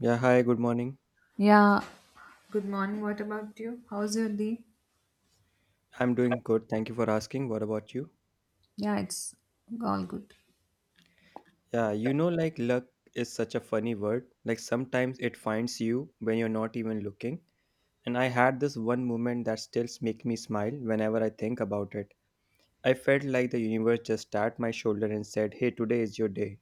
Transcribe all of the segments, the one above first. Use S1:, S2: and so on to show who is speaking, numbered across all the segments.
S1: Yeah, hi, good morning.
S2: Yeah, good morning. What about you? How's your day?
S1: I'm doing good. Thank you for asking. What about you?
S2: Yeah, it's all good.
S1: Yeah, you know, like luck is such a funny word. Like sometimes it finds you when you're not even looking. And I had this one moment that still makes me smile whenever I think about it. I felt like the universe just tapped my shoulder and said, "Hey, today is your day."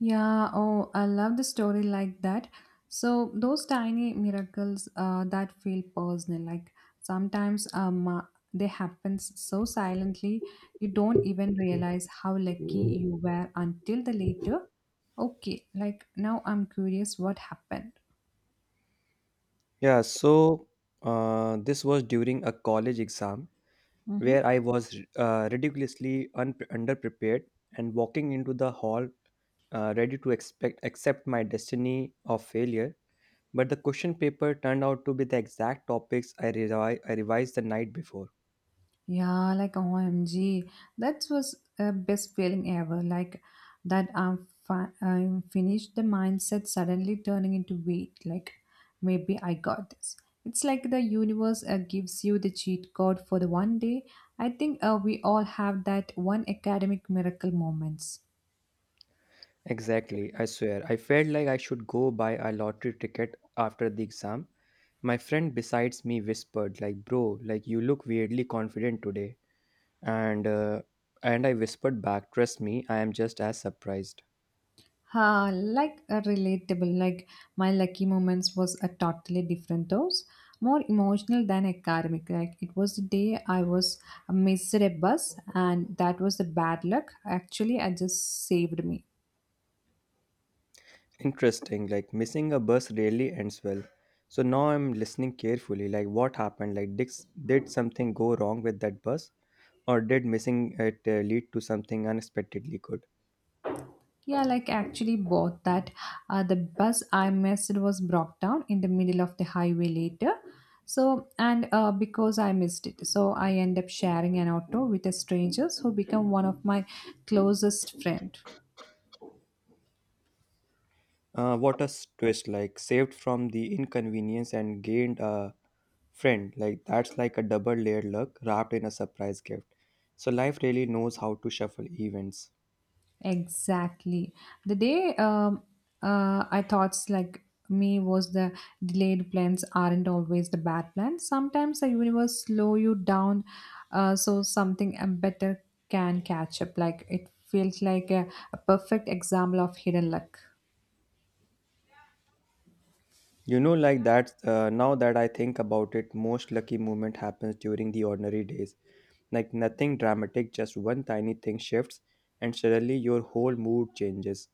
S2: Yeah, oh, I love the story like that. So those tiny miracles that feel personal, like sometimes they happen so silently you don't even realize how lucky you were until the later. Okay, like now I'm curious what happened.
S1: Yeah, so this was during a college exam where
S2: Mhm.
S1: I was ridiculously underprepared and walking into the hall ready to expect accept my destiny of failure. But the question paper turned out to be the exact topics I revised the night before.
S2: Yeah, like OMG, that was a best feeling ever. Like that I'm finished. The mindset suddenly turning into weight. Like maybe I got this. It's like the universe gives you the cheat code for the one day. I think we all have that one academic miracle moments.
S1: Exactly, I swear. I felt like I should go buy a lottery ticket after the exam. My friend besides me whispered, like, bro, like you look weirdly confident today. And and I whispered back, trust me, I am just as surprised.
S2: Ha, like a relatable, like my lucky moments was a totally different dose, more emotional than academic. Like it was the day I was missed a bus, and that was the bad luck. Actually, I just saved me.
S1: Interesting, like missing a bus rarely ends well. So now I'm listening carefully, like what happened? Like did something go wrong with that bus? Or did missing it lead to something unexpectedly good?
S2: Yeah, like actually both that the bus I missed was broke down in the middle of the highway later. So and because I missed it, so I end up sharing an auto with a stranger who become one of my closest friend.
S1: What a twist, like saved from the inconvenience and gained a friend. Like that's like a double layered luck wrapped in a surprise gift. So life really knows how to shuffle events.
S2: Exactly. The day I thought like me was the delayed plans aren't always the bad plans. Sometimes the universe slow you down so something better can catch up. Like it feels like a perfect example of hidden luck.
S1: You know, like that, now that I think about it, most lucky moment happens during the ordinary days. Like nothing dramatic, just one tiny thing shifts, and suddenly your whole mood changes.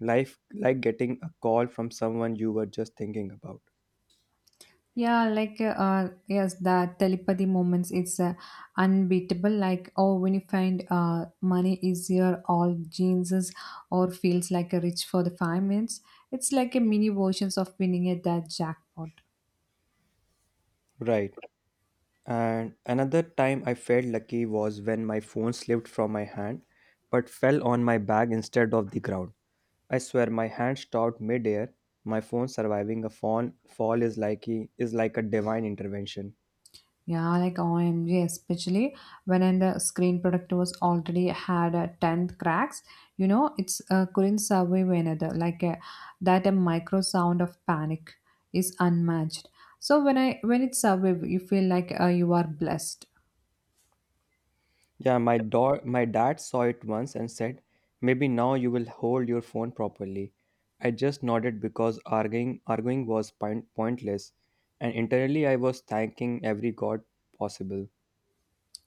S1: Life like getting a call from someone you were just thinking about.
S2: Yeah, like yes, that telepathy moments it's unbeatable. Like oh, when you find money easier, all jeans is- or feels like a rich for the 5 minutes. It's like a mini versions of winning at that jackpot.
S1: Right. And another time I felt lucky was when my phone slipped from my hand but fell on my bag instead of the ground. I swear my hand stopped midair. My phone surviving a fall is like a divine intervention.
S2: Yeah, like OMG, especially when in the screen product was already had 10th cracks, you know, it's couldn't survive another. Like that a micro sound of panic is unmatched. So when I when it survive, you feel like you are blessed.
S1: Yeah, my dad saw it once and said, "Maybe now you will hold your phone properly." I just nodded because arguing was pointless, and internally I was thanking every god possible.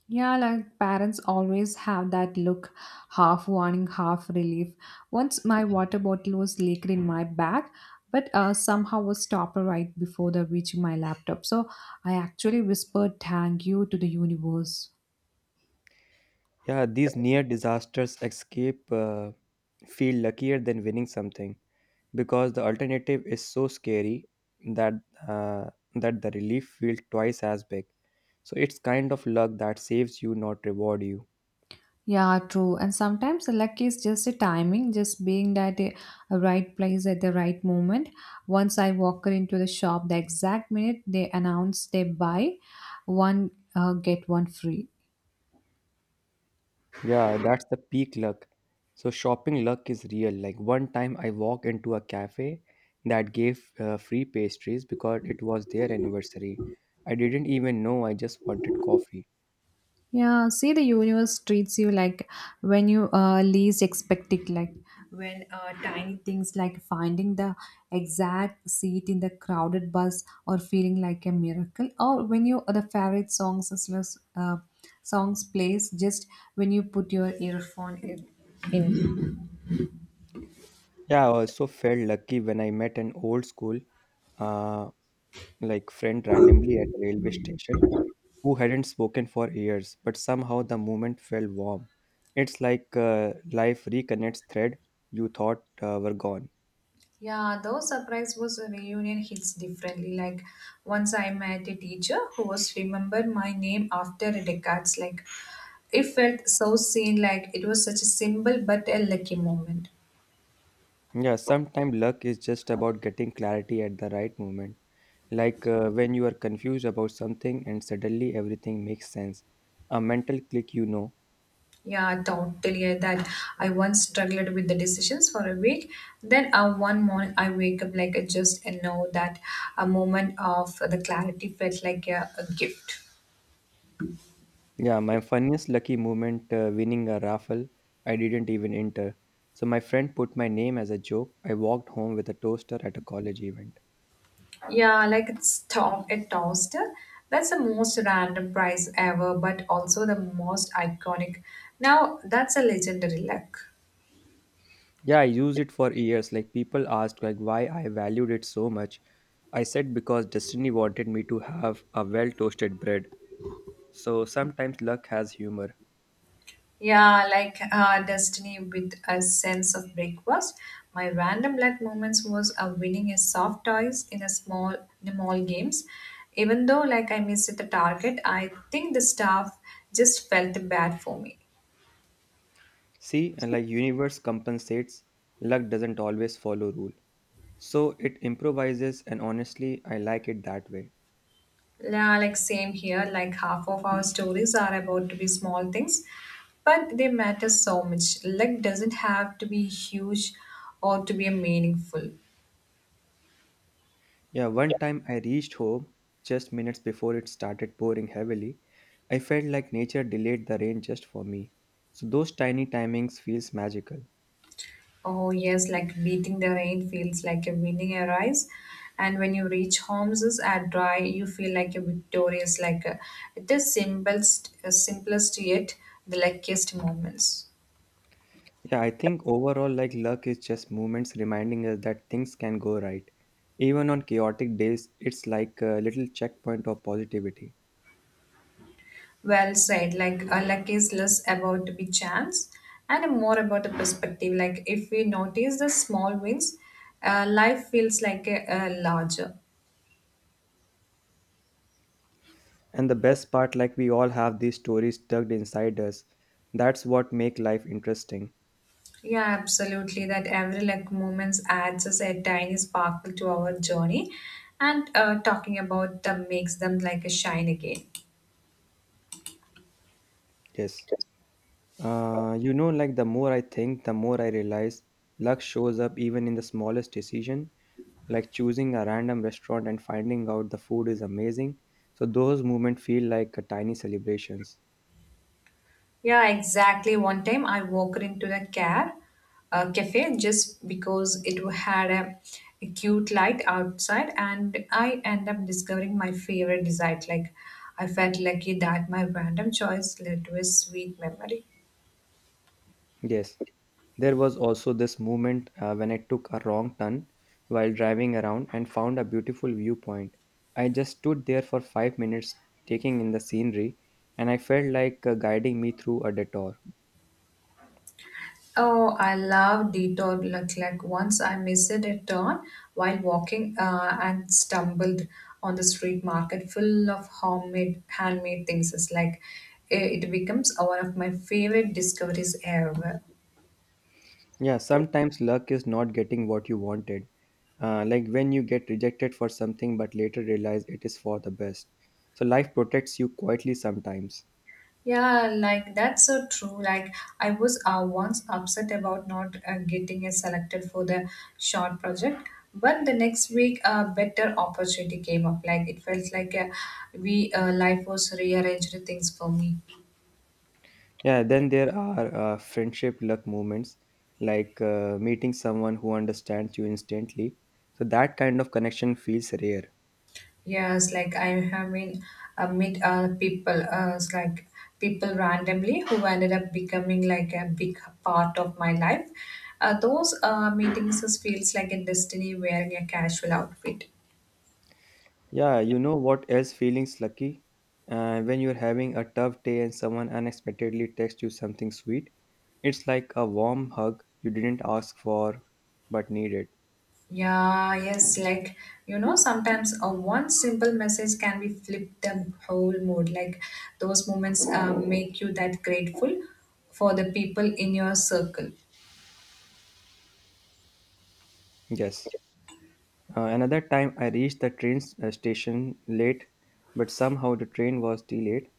S2: Yeah, like parents always have that look, half warning, half relief. Once my water bottle was leaked in my bag, but somehow was stopped right before the reaching my laptop. So I actually whispered thank you to the universe.
S1: Yeah, these near disasters escape feel luckier than winning something, because the alternative is so scary that uh, that the relief feels twice as big. So it's kind of luck that saves you, not reward you.
S2: Yeah, true. And sometimes the luck is just a timing, just being at a right place at the right moment. Once I walked into the shop, the exact minute they announced they buy one, get one free.
S1: Yeah, that's the peak luck. So shopping luck is real. Like one time I walked into a cafe that gave free pastries because it was their anniversary. I didn't even know I just wanted coffee.
S2: Yeah, see, the universe treats you like when you least expect it, like when tiny things like finding the exact seat in the crowded bus or feeling like a miracle, or when you the favorite songs as well as, songs plays just when you put your earphone in.
S1: Yeah, I also felt lucky when I met an old school uh, like friend randomly at a railway station who hadn't spoken for years, but somehow the moment felt warm. It's like life reconnects thread you thought were gone.
S2: Yeah, though surprise was a reunion hits differently. Like once I met a teacher who was remembered my name after decades. Like it felt so seen, like it was such a simple but a lucky moment.
S1: Yeah, sometimes luck is just about getting clarity at the right moment. Like when you are confused about something and suddenly everything makes sense. A mental click, you know.
S2: Yeah, totally. That I once struggled with the decisions for a week. Then one morning I wake up like I just and know that a moment of the clarity felt like a gift.
S1: Yeah, my funniest lucky moment winning a raffle, I didn't even enter. So my friend put my name as a joke. I walked home with a toaster at a college event.
S2: Yeah, like it's a toaster. That's the most random prize ever, but also the most iconic. Now, that's a legendary luck.
S1: Yeah, I used it for years. Like people asked like why I valued it so much. I said because destiny wanted me to have a well-toasted bread. So sometimes luck has humor.
S2: Yeah, like Destiny with a sense of breakfast. My random luck moments was winning a soft toys in a mall games. Even though like I missed the target, I think the staff just felt bad for me.
S1: See, and like universe compensates, luck doesn't always follow rule. So it improvises and honestly, I like it that way.
S2: Yeah, like same here, like half of our stories are about to be small things, but they matter so much. Luck doesn't have to be huge or to be meaningful.
S1: Yeah, one time I reached home just minutes before it started pouring heavily. I felt like nature delayed the rain just for me. So those tiny timings feels magical.
S2: Oh yes, like beating the rain feels like a winning a race. And when you reach homes is at dry, you feel like a victorious, like a, it is simplest, simplest yet the luckiest moments.
S1: Yeah, I think overall, like luck is just moments reminding us that things can go right. Even on chaotic days, it's like a little checkpoint of positivity.
S2: Well said. Like luck is less about the big chance and more about the perspective. Like if we notice the small wins, life feels like a larger.
S1: And the best part, like we all have these stories tucked inside us. That's what make life interesting.
S2: Yeah, absolutely. That every like moments adds us a tiny sparkle to our journey, and talking about them makes them like a shine again.
S1: Yes. You know, like the more I think, the more I realize luck shows up even in the smallest decision, like choosing a random restaurant and finding out the food is amazing. So those moments feel like a tiny celebrations.
S2: Yeah, exactly. One time I walked into the car, cafe just because it had a cute light outside, and I end up discovering my favorite dessert. Like, I felt lucky that my random choice led to a sweet memory.
S1: Yes. There was also this moment when I took a wrong turn while driving around and found a beautiful viewpoint. I just stood there for 5 minutes taking in the scenery, and I felt like guiding me through a detour.
S2: Oh, I love detour look like once I missed a turn while walking and stumbled on the street market full of homemade handmade things. It's like eh, it becomes one of my favorite discoveries ever.
S1: Yeah, sometimes luck is not getting what you wanted. Like when you get rejected for something but later realize it is for the best. So life protects you quietly sometimes.
S2: Yeah, like that's so true. Like I was once upset about not getting a selected for the short project, but the next week a better opportunity came up. Like it felt like we life was rearranged things for me.
S1: Yeah, then there are friendship luck moments like meeting someone who understands you instantly. So that kind of connection feels rare.
S2: Yes, like I have been meet people, it's like people randomly who ended up becoming like a big part of my life. Those meetings just feels like a destiny wearing a casual outfit.
S1: Yeah, you know what else feelings lucky? When you're having a tough day and someone unexpectedly texts you something sweet, it's like a warm hug you didn't ask for but needed.
S2: Yeah, yes, like you know, sometimes a one simple message can be flip the whole mood. Like those moments make you that grateful for the people in your circle.
S1: Yes. Another time, I reached the train station late, but somehow the train was delayed.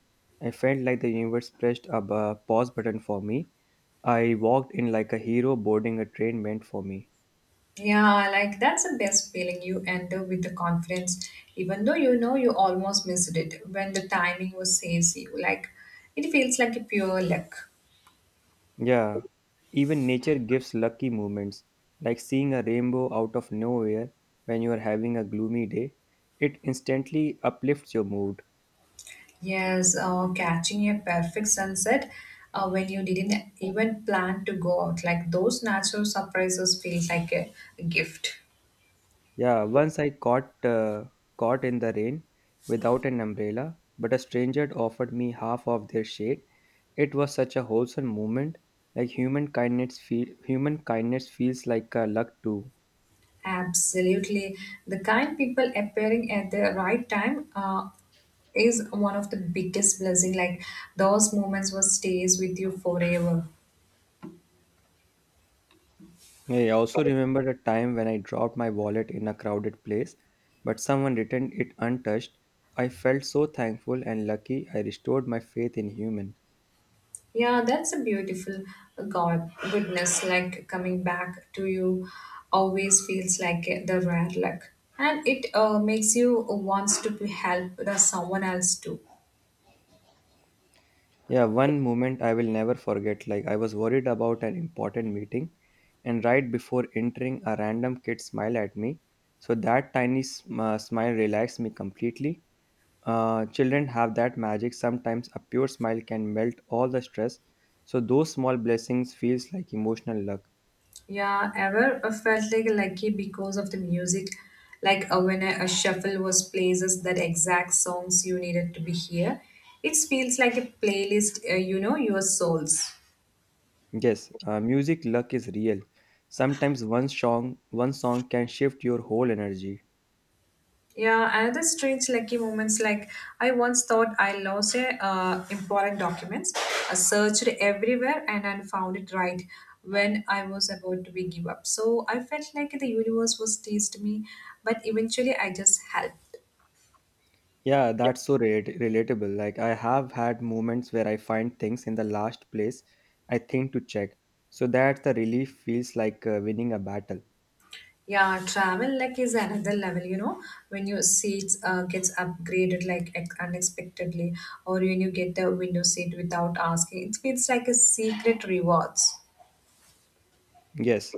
S1: I felt like the universe pressed a pause button for me. I walked in like a hero boarding a train meant for me.
S2: Yeah, like that's the best feeling. You enter with the confidence, even though you know you almost missed it when the timing was says you. Like it feels like a pure luck.
S1: Yeah, even nature gives lucky moments, like seeing a rainbow out of nowhere when you are having a gloomy day. It instantly uplifts your mood.
S2: Yes, catching a perfect sunset when you didn't even plan to go out. Like those natural surprises feel like a gift.
S1: Yeah, once I caught in the rain without an umbrella, but a stranger offered me half of their shade. It was such a wholesome moment. Like human kindness feels like a luck too.
S2: Absolutely. The kind people appearing at the right time is one of the biggest blessing. Like those moments will stays with you forever.
S1: I also remember a time when I dropped my wallet in a crowded place, but someone returned it untouched. I felt so thankful and lucky I restored my faith in human.
S2: Yeah, that's a beautiful God goodness. Like coming back to you always feels like the rare luck, and it makes you wants to be help the someone else too.
S1: Yeah, one moment I will never forget. Like I was worried about an important meeting, and right before entering, a random kid smiled at me. So that tiny smile relaxed me completely. Children have that magic. Sometimes a pure smile can melt all the stress. So those small blessings feels like emotional luck.
S2: Yeah, ever felt like lucky because of the music, like when a shuffle was places that exact songs you needed to be here. It feels like a playlist, you know, your souls.
S1: Yes, music luck is real. Sometimes one song can shift your whole energy.
S2: Yeah, another strange lucky moments like I once thought I lost a important documents. I searched everywhere and I found it right when I was about to be give up. So I felt like the universe was teased me, but eventually I just helped.
S1: Yeah, that's so relatable. Like I have had moments where I find things in the last place I think to check. So that the relief feels like winning a battle.
S2: Yeah, travel like is another level, you know, when your seats gets upgraded like unexpectedly, or when you get the window seat without asking, it feels like a secret rewards.
S1: Yes.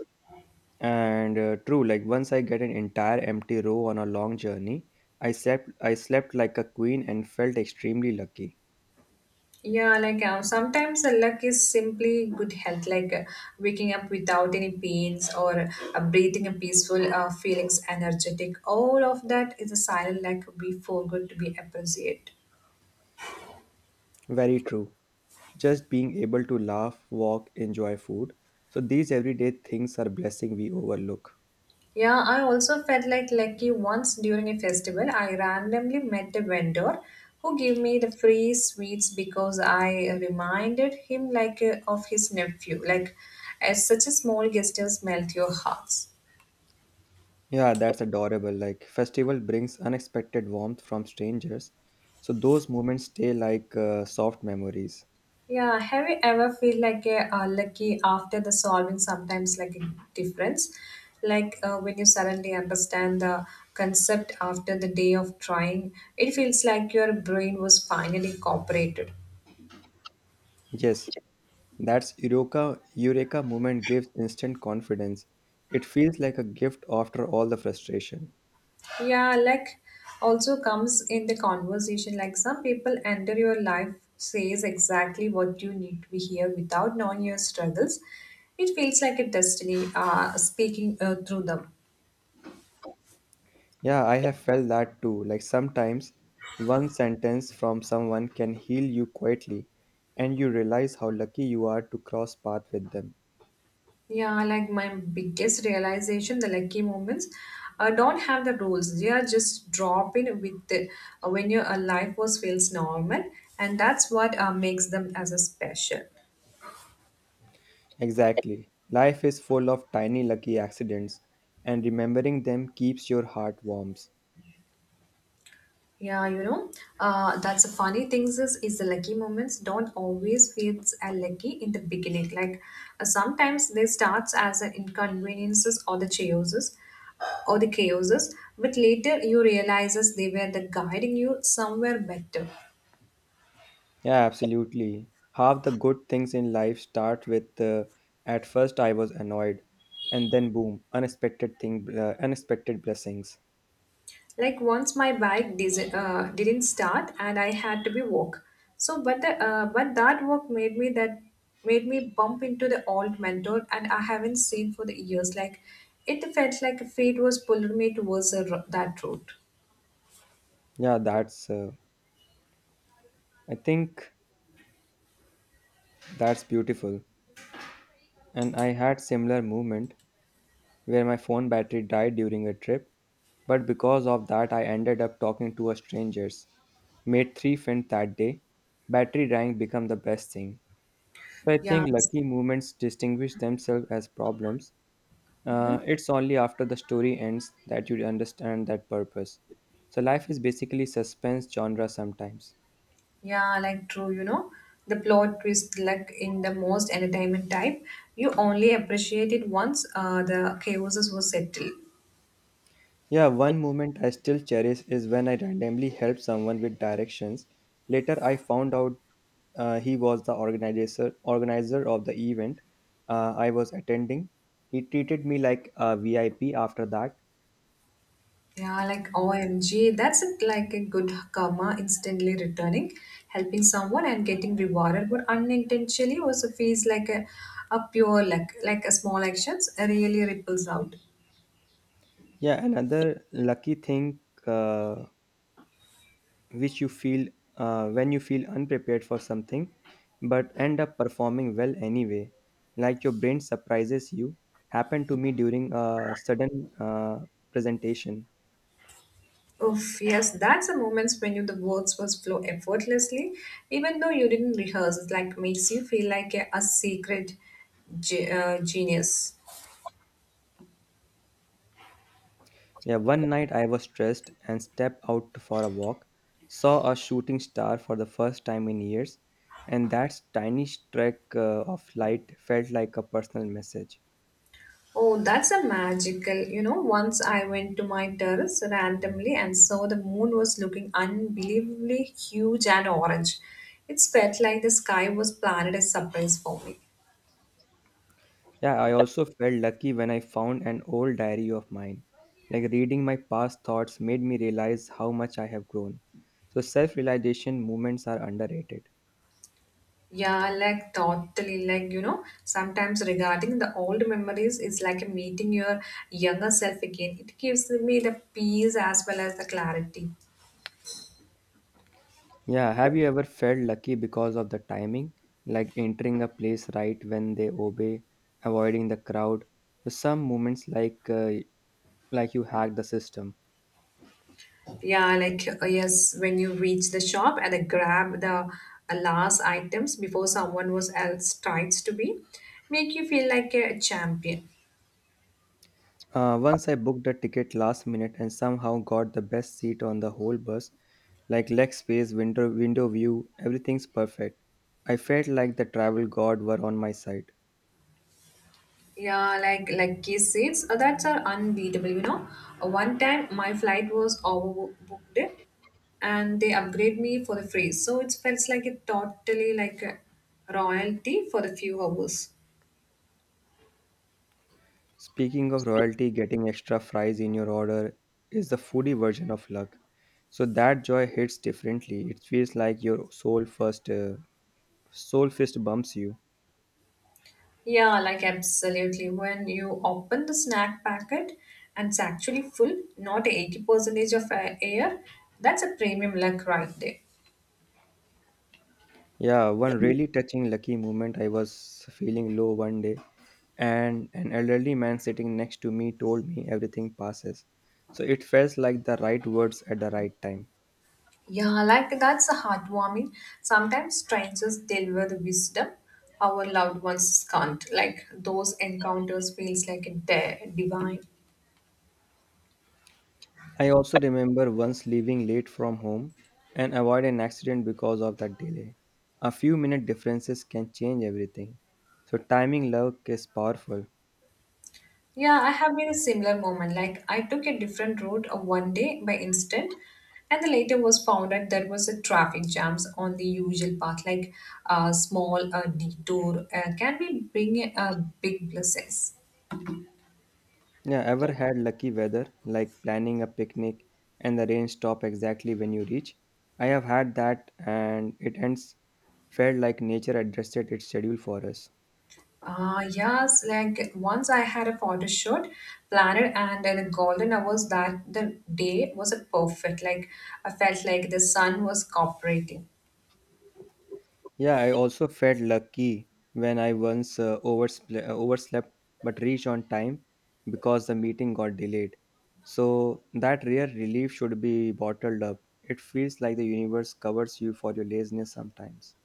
S1: And true, like once I get an entire empty row on a long journey, I slept like a queen and felt extremely lucky.
S2: Yeah, like sometimes the luck is simply good health, like waking up without any pains or breathing a peaceful feelings, energetic. All of that is a silent luck we forgot to be appreciate.
S1: Very true. Just being able to laugh, walk, enjoy food. So these everyday things are blessing we overlook.
S2: Yeah, I also felt like lucky once during a festival. I randomly met a vendor who gave me the free sweets because I reminded him like of his nephew. Like, as such a small gesture melt your hearts.
S1: Yeah, that's adorable. Like festival brings unexpected warmth from strangers. So those moments stay like soft memories.
S2: Yeah, have you ever feel like a lucky after the solving sometimes like a difference? Like when you suddenly understand the concept after the day of trying, it feels like your brain was finally cooperated.
S1: Yes. That's Eureka moment gives instant confidence. It feels like a gift after all the frustration.
S2: Yeah, like also comes in the conversation. Like some people enter your life says exactly what you need to be here without knowing your struggles. It feels like a destiny speaking through them.
S1: Yeah, I have felt that too. Like sometimes one sentence from someone can heal you quietly and you realize how lucky you are to cross path with them.
S2: Yeah, like my biggest realization, the lucky moments don't have the rules. They are just drop in with the, when your life was feels normal, and that's what makes them as a special.
S1: Exactly. Life is full of tiny lucky accidents and remembering them keeps your heart warm.
S2: Yeah, you know, that's the funny things is the lucky moments don't always feels lucky in the beginning. Like sometimes they starts as inconveniences or the chaoses, but later you realizes they were the guiding you somewhere better.
S1: Yeah, absolutely. Half the good things in life start with at first I was annoyed, and then boom, unexpected unexpected blessings.
S2: Like once my bike didn't start and I had to be walk so but that walk made me bump into the old mentor and I haven't seen for the years. Like it felt like fate was pulling me towards that road.
S1: Yeah, that's. I think that's beautiful. And I had similar moment where my phone battery died during a trip, but because of that, I ended up talking to a strangers. Made three friends that day. Battery dying become the best thing. So I
S2: yeah
S1: think lucky moments distinguish themselves as problems. It's only after the story ends that you understand that purpose. So life is basically suspense genre sometimes.
S2: yeah like true, you know, the plot twist like in the most entertainment type, you only appreciate it once the chaos was settled.
S1: Yeah, one moment I still cherish is when I randomly helped someone with directions. Later, I found out he was the organizer of the event I was attending. He treated me like a VIP after that.
S2: Yeah, like OMG, that's it, like a good karma instantly returning. Helping someone and getting rewarded, but unintentionally also feels like a pure luck, like a small actions really ripples out.
S1: Yeah, another lucky thing uh, which you feel when you feel unprepared for something but end up performing well anyway, like your brain surprises you, happened to me during a sudden presentation.
S2: Oof, yes, that's the moments when you the words was flow effortlessly, even though you didn't rehearse. It like makes you feel like a secret genius.
S1: Yeah, one night I was stressed and stepped out for a walk, saw a shooting star for the first time in years, and that tiny streak of light felt like a personal message.
S2: Oh, that's a magical. You know, once I went to my terrace randomly and saw the moon was looking unbelievably huge and orange. It felt like the sky was planned a surprise for me.
S1: Yeah, I also felt lucky when I found an old diary of mine. Like reading my past thoughts made me realize how much I have grown. So self realization moments are underrated.
S2: Yeah, like totally, sometimes regarding the old memories is like a meeting your younger self again. It gives me the peace as well as the clarity.
S1: Yeah, have you ever felt lucky because of the timing? Like entering a place right when they obey, avoiding the crowd. So some moments like you hack the system.
S2: Yeah, yes, when you reach the shop and then grab the last items before someone was else tries to be, make you feel like a champion.
S1: Once I booked a ticket last minute and somehow got the best seat on the whole bus, like leg space, window view, everything's perfect. I felt like the travel god were on my side.
S2: Yeah, like kiss seats, that's are unbeatable. You know, one time my flight was overbooked, and they upgrade me for the free, so it felt like it totally like a royalty for the few hours.
S1: Speaking of royalty, getting extra fries in your order is the foodie version of luck. So that joy hits differently. It feels like your soul first, soul fist bumps you.
S2: Yeah, like absolutely. When you open the snack packet and it's actually full, not 80% of air, that's a premium luck right there.
S1: Yeah, one really touching lucky moment. I was feeling low one day, and an elderly man sitting next to me told me everything passes. So it felt like the right words at the right time.
S2: Yeah, like that's a heartwarming. Sometimes strangers deliver the wisdom our loved ones can't. Like those encounters feels like divine.
S1: I also remember once leaving late from home and avoid an accident because of that delay. A few minute differences can change everything. So timing love is powerful.
S2: Yeah, I have been a similar moment. Like I took a different route of one day by instant, and the later was found out there was a traffic jams on the usual path. Like a small detour can be bring a big blessings.
S1: Yeah, ever had lucky weather, like planning a picnic and the rain stop exactly when you reach? I have had that and it ends felt like nature adjusted its schedule for us.
S2: Ah, yes. Like once I had a photo shoot planned, and the golden hours that the day was a perfect. Like I felt like the sun was cooperating.
S1: Yeah, I also felt lucky when I once overslept but reached on time because the meeting got delayed. So that rare relief should be bottled up. It feels like the universe covers you for your laziness sometimes.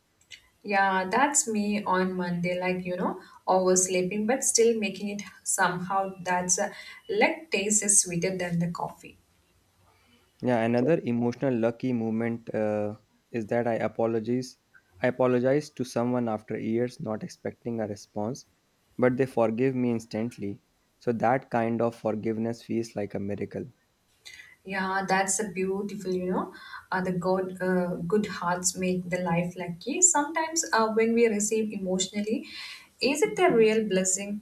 S2: Yeah, that's me on Monday, oversleeping but still making it somehow. That's a like taste is sweeter than the coffee.
S1: Yeah, another emotional lucky moment is that I apologize. I apologize to someone after years, not expecting a response, but they forgive me instantly. So that kind of forgiveness feels like a miracle.
S2: Yeah, that's a beautiful, you know. The good, good hearts make the life lucky. Sometimes, when we receive emotionally, is it a real blessing?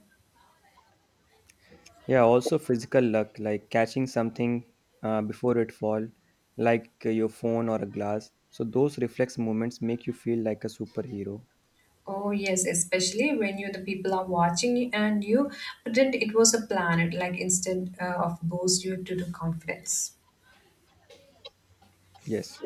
S1: Yeah, also physical luck, like catching something before it fall, like your phone or a glass. So those reflex moments make you feel like a superhero.
S2: Oh yes, especially when you the people are watching you and you pretend it was a planet, like instant of boost you to the confidence.
S1: Yes.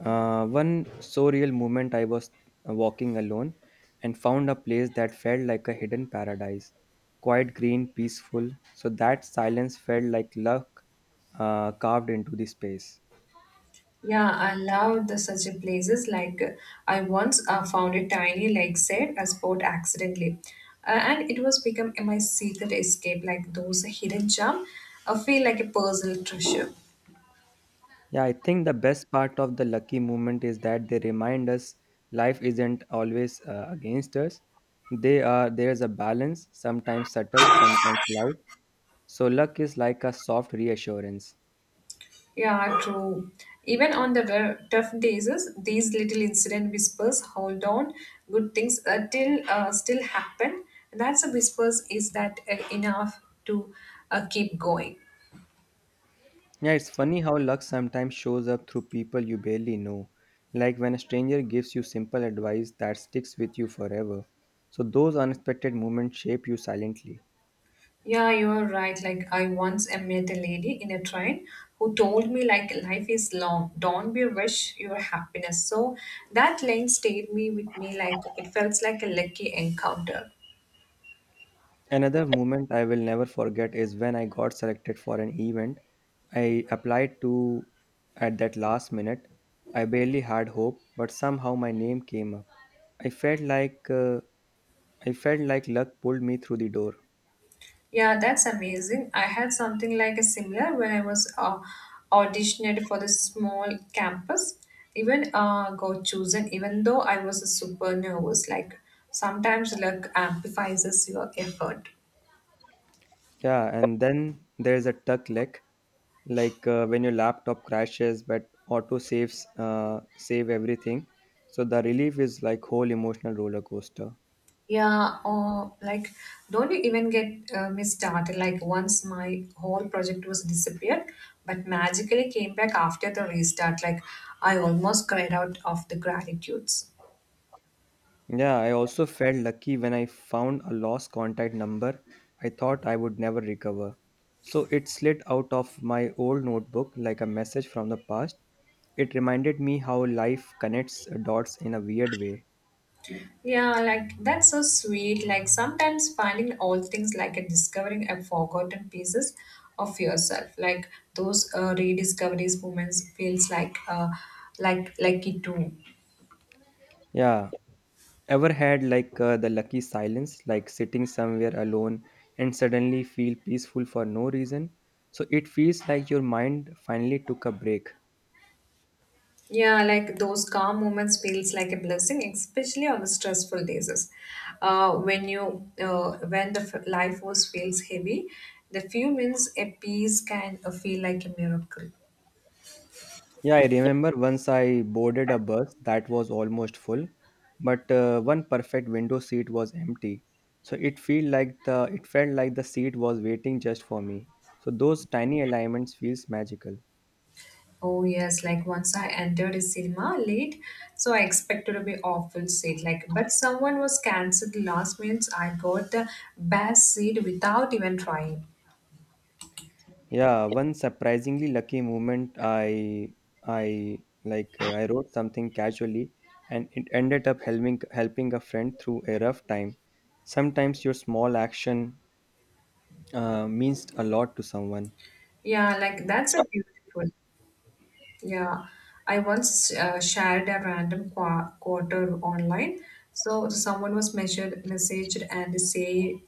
S1: One so real moment, I was walking alone and found a place that felt like a hidden paradise. Quiet, green, peaceful. So that silence felt like luck carved into the space.
S2: Yeah, I love the such a places. Like I once found a tiny lake set a spot accidentally, and it was become my secret escape. Like those hidden gem, I feel like a puzzle treasure.
S1: Yeah, I think the best part of the lucky moment is that they remind us life isn't always against us. They are There's a balance, sometimes subtle, sometimes loud. So luck is like a soft reassurance.
S2: Yeah, true. Even on the tough days, these little incident whispers hold on. Good things till still happen. That's a whispers is that enough to keep going.
S1: Yeah, it's funny how luck sometimes shows up through people you barely know. Like when a stranger gives you simple advice that sticks with you forever. So those unexpected moments shape you silently.
S2: Yeah, you are right. Like I once met a lady in a train who told me like life is long. Don't be rush your happiness. So that line stayed me with me like it felt like a lucky encounter.
S1: Another moment I will never forget is when I got selected for an event I applied to at that last minute. I barely had hope, but somehow my name came up. I felt like uh, I felt like luck pulled me through the door.
S2: Yeah, that's amazing. I had something like a similar when I was auditioned for the small campus. Even got chosen, even though I was a super nervous. Like sometimes luck amplifies your effort.
S1: Yeah, and then there's a tuck leg. Like when your laptop crashes but auto saves save everything, so the relief is like whole emotional roller coaster.
S2: Yeah, or like, don't you even get me started? Like, once my whole project was disappeared, but magically came back after the restart. Like, I almost cried out of the gratitudes.
S1: Yeah, I also felt lucky when I found a lost contact number I thought I would never recover. So it slid out of my old notebook like a message from the past. It reminded me how life connects dots in a weird way.
S2: Yeah, like that's so sweet. Like sometimes finding old things like and discovering a forgotten pieces of yourself. Like those rediscoveries moments feels like like it too.
S1: Yeah. Ever had like the lucky silence, like sitting somewhere alone and suddenly feel peaceful for no reason? So it feels like your mind finally took a break.
S2: Yeah, like those calm moments feels like a blessing, especially on the stressful days. When the life force feels heavy, the few minutes a piece can feel like a miracle.
S1: Yeah, I remember once I boarded a bus that was almost full, but one perfect window seat was empty. It felt like the seat was waiting just for me. So those tiny alignments feels magical.
S2: Oh yes, like once I entered a cinema late, so I expected to be awful seat. Like, but someone was cancelled last minute. I got the best seat without even trying.
S1: Yeah, one surprisingly lucky moment I like I wrote something casually and it ended up helping a friend through a rough time. Sometimes your small action means a lot to someone.
S2: Yeah, like that's a beautiful. Yeah, I once shared a random quarter online. So someone was measured, messaged, and say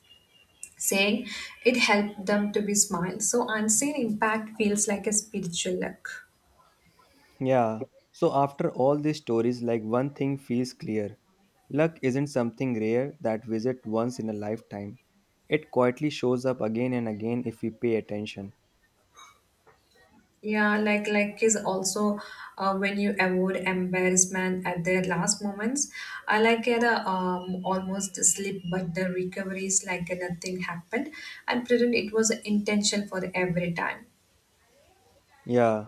S2: saying it helped them to be smile. So unseen impact feels like a spiritual luck.
S1: Yeah. So after all these stories, like one thing feels clear. Luck isn't something rare that visit once in a lifetime. It quietly shows up again and again if we pay attention.
S2: Yeah, like is also when you avoid embarrassment at their last moments. I like it almost slip, but the recovery is like nothing happened, and pretend it was intentional for every time.
S1: Yeah,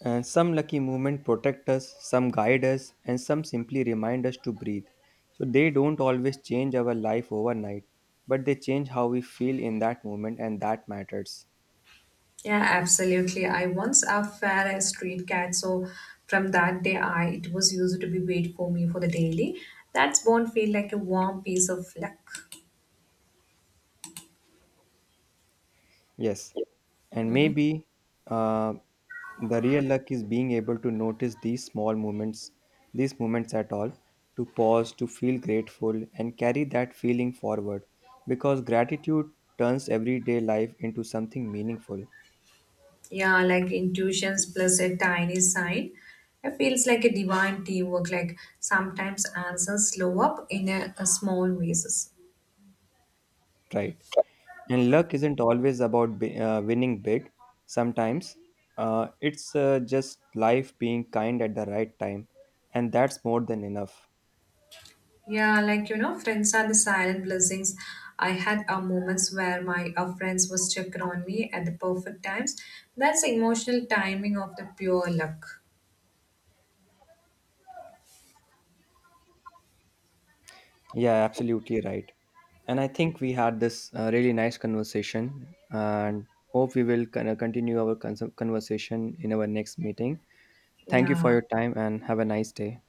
S1: and some lucky movement protect us, some guide us, and some simply remind us to breathe. So they don't always change our life overnight, but they change how we feel in that moment, and that matters.
S2: Yeah, absolutely. I once fed a street cat, so from that day, I it was used to be wait for me for the daily. That's born feel like a warm piece of luck.
S1: Yes, and maybe uh, the real luck is being able to notice these small moments, these moments at all, to pause, to feel grateful, and carry that feeling forward, because gratitude turns everyday life into something meaningful,
S2: Yeah, like intuitions plus a tiny sign. It feels like a divine teamwork. Like sometimes answers slow up in a small ways.
S1: right? And luck isn't always about winning big. Sometimes it's just life being kind at the right time, and that's more than enough.
S2: Yeah, friends are the silent blessings. I had moments where my friends was checking on me at the perfect times. That's emotional timing of the pure luck.
S1: Yeah, absolutely right. And I think we had this really nice conversation, and hope we will kind of continue our conversation in our next meeting. Thank you for
S2: Yeah,
S1: your time, and have a nice day.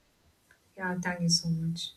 S2: yeah, thank you so much.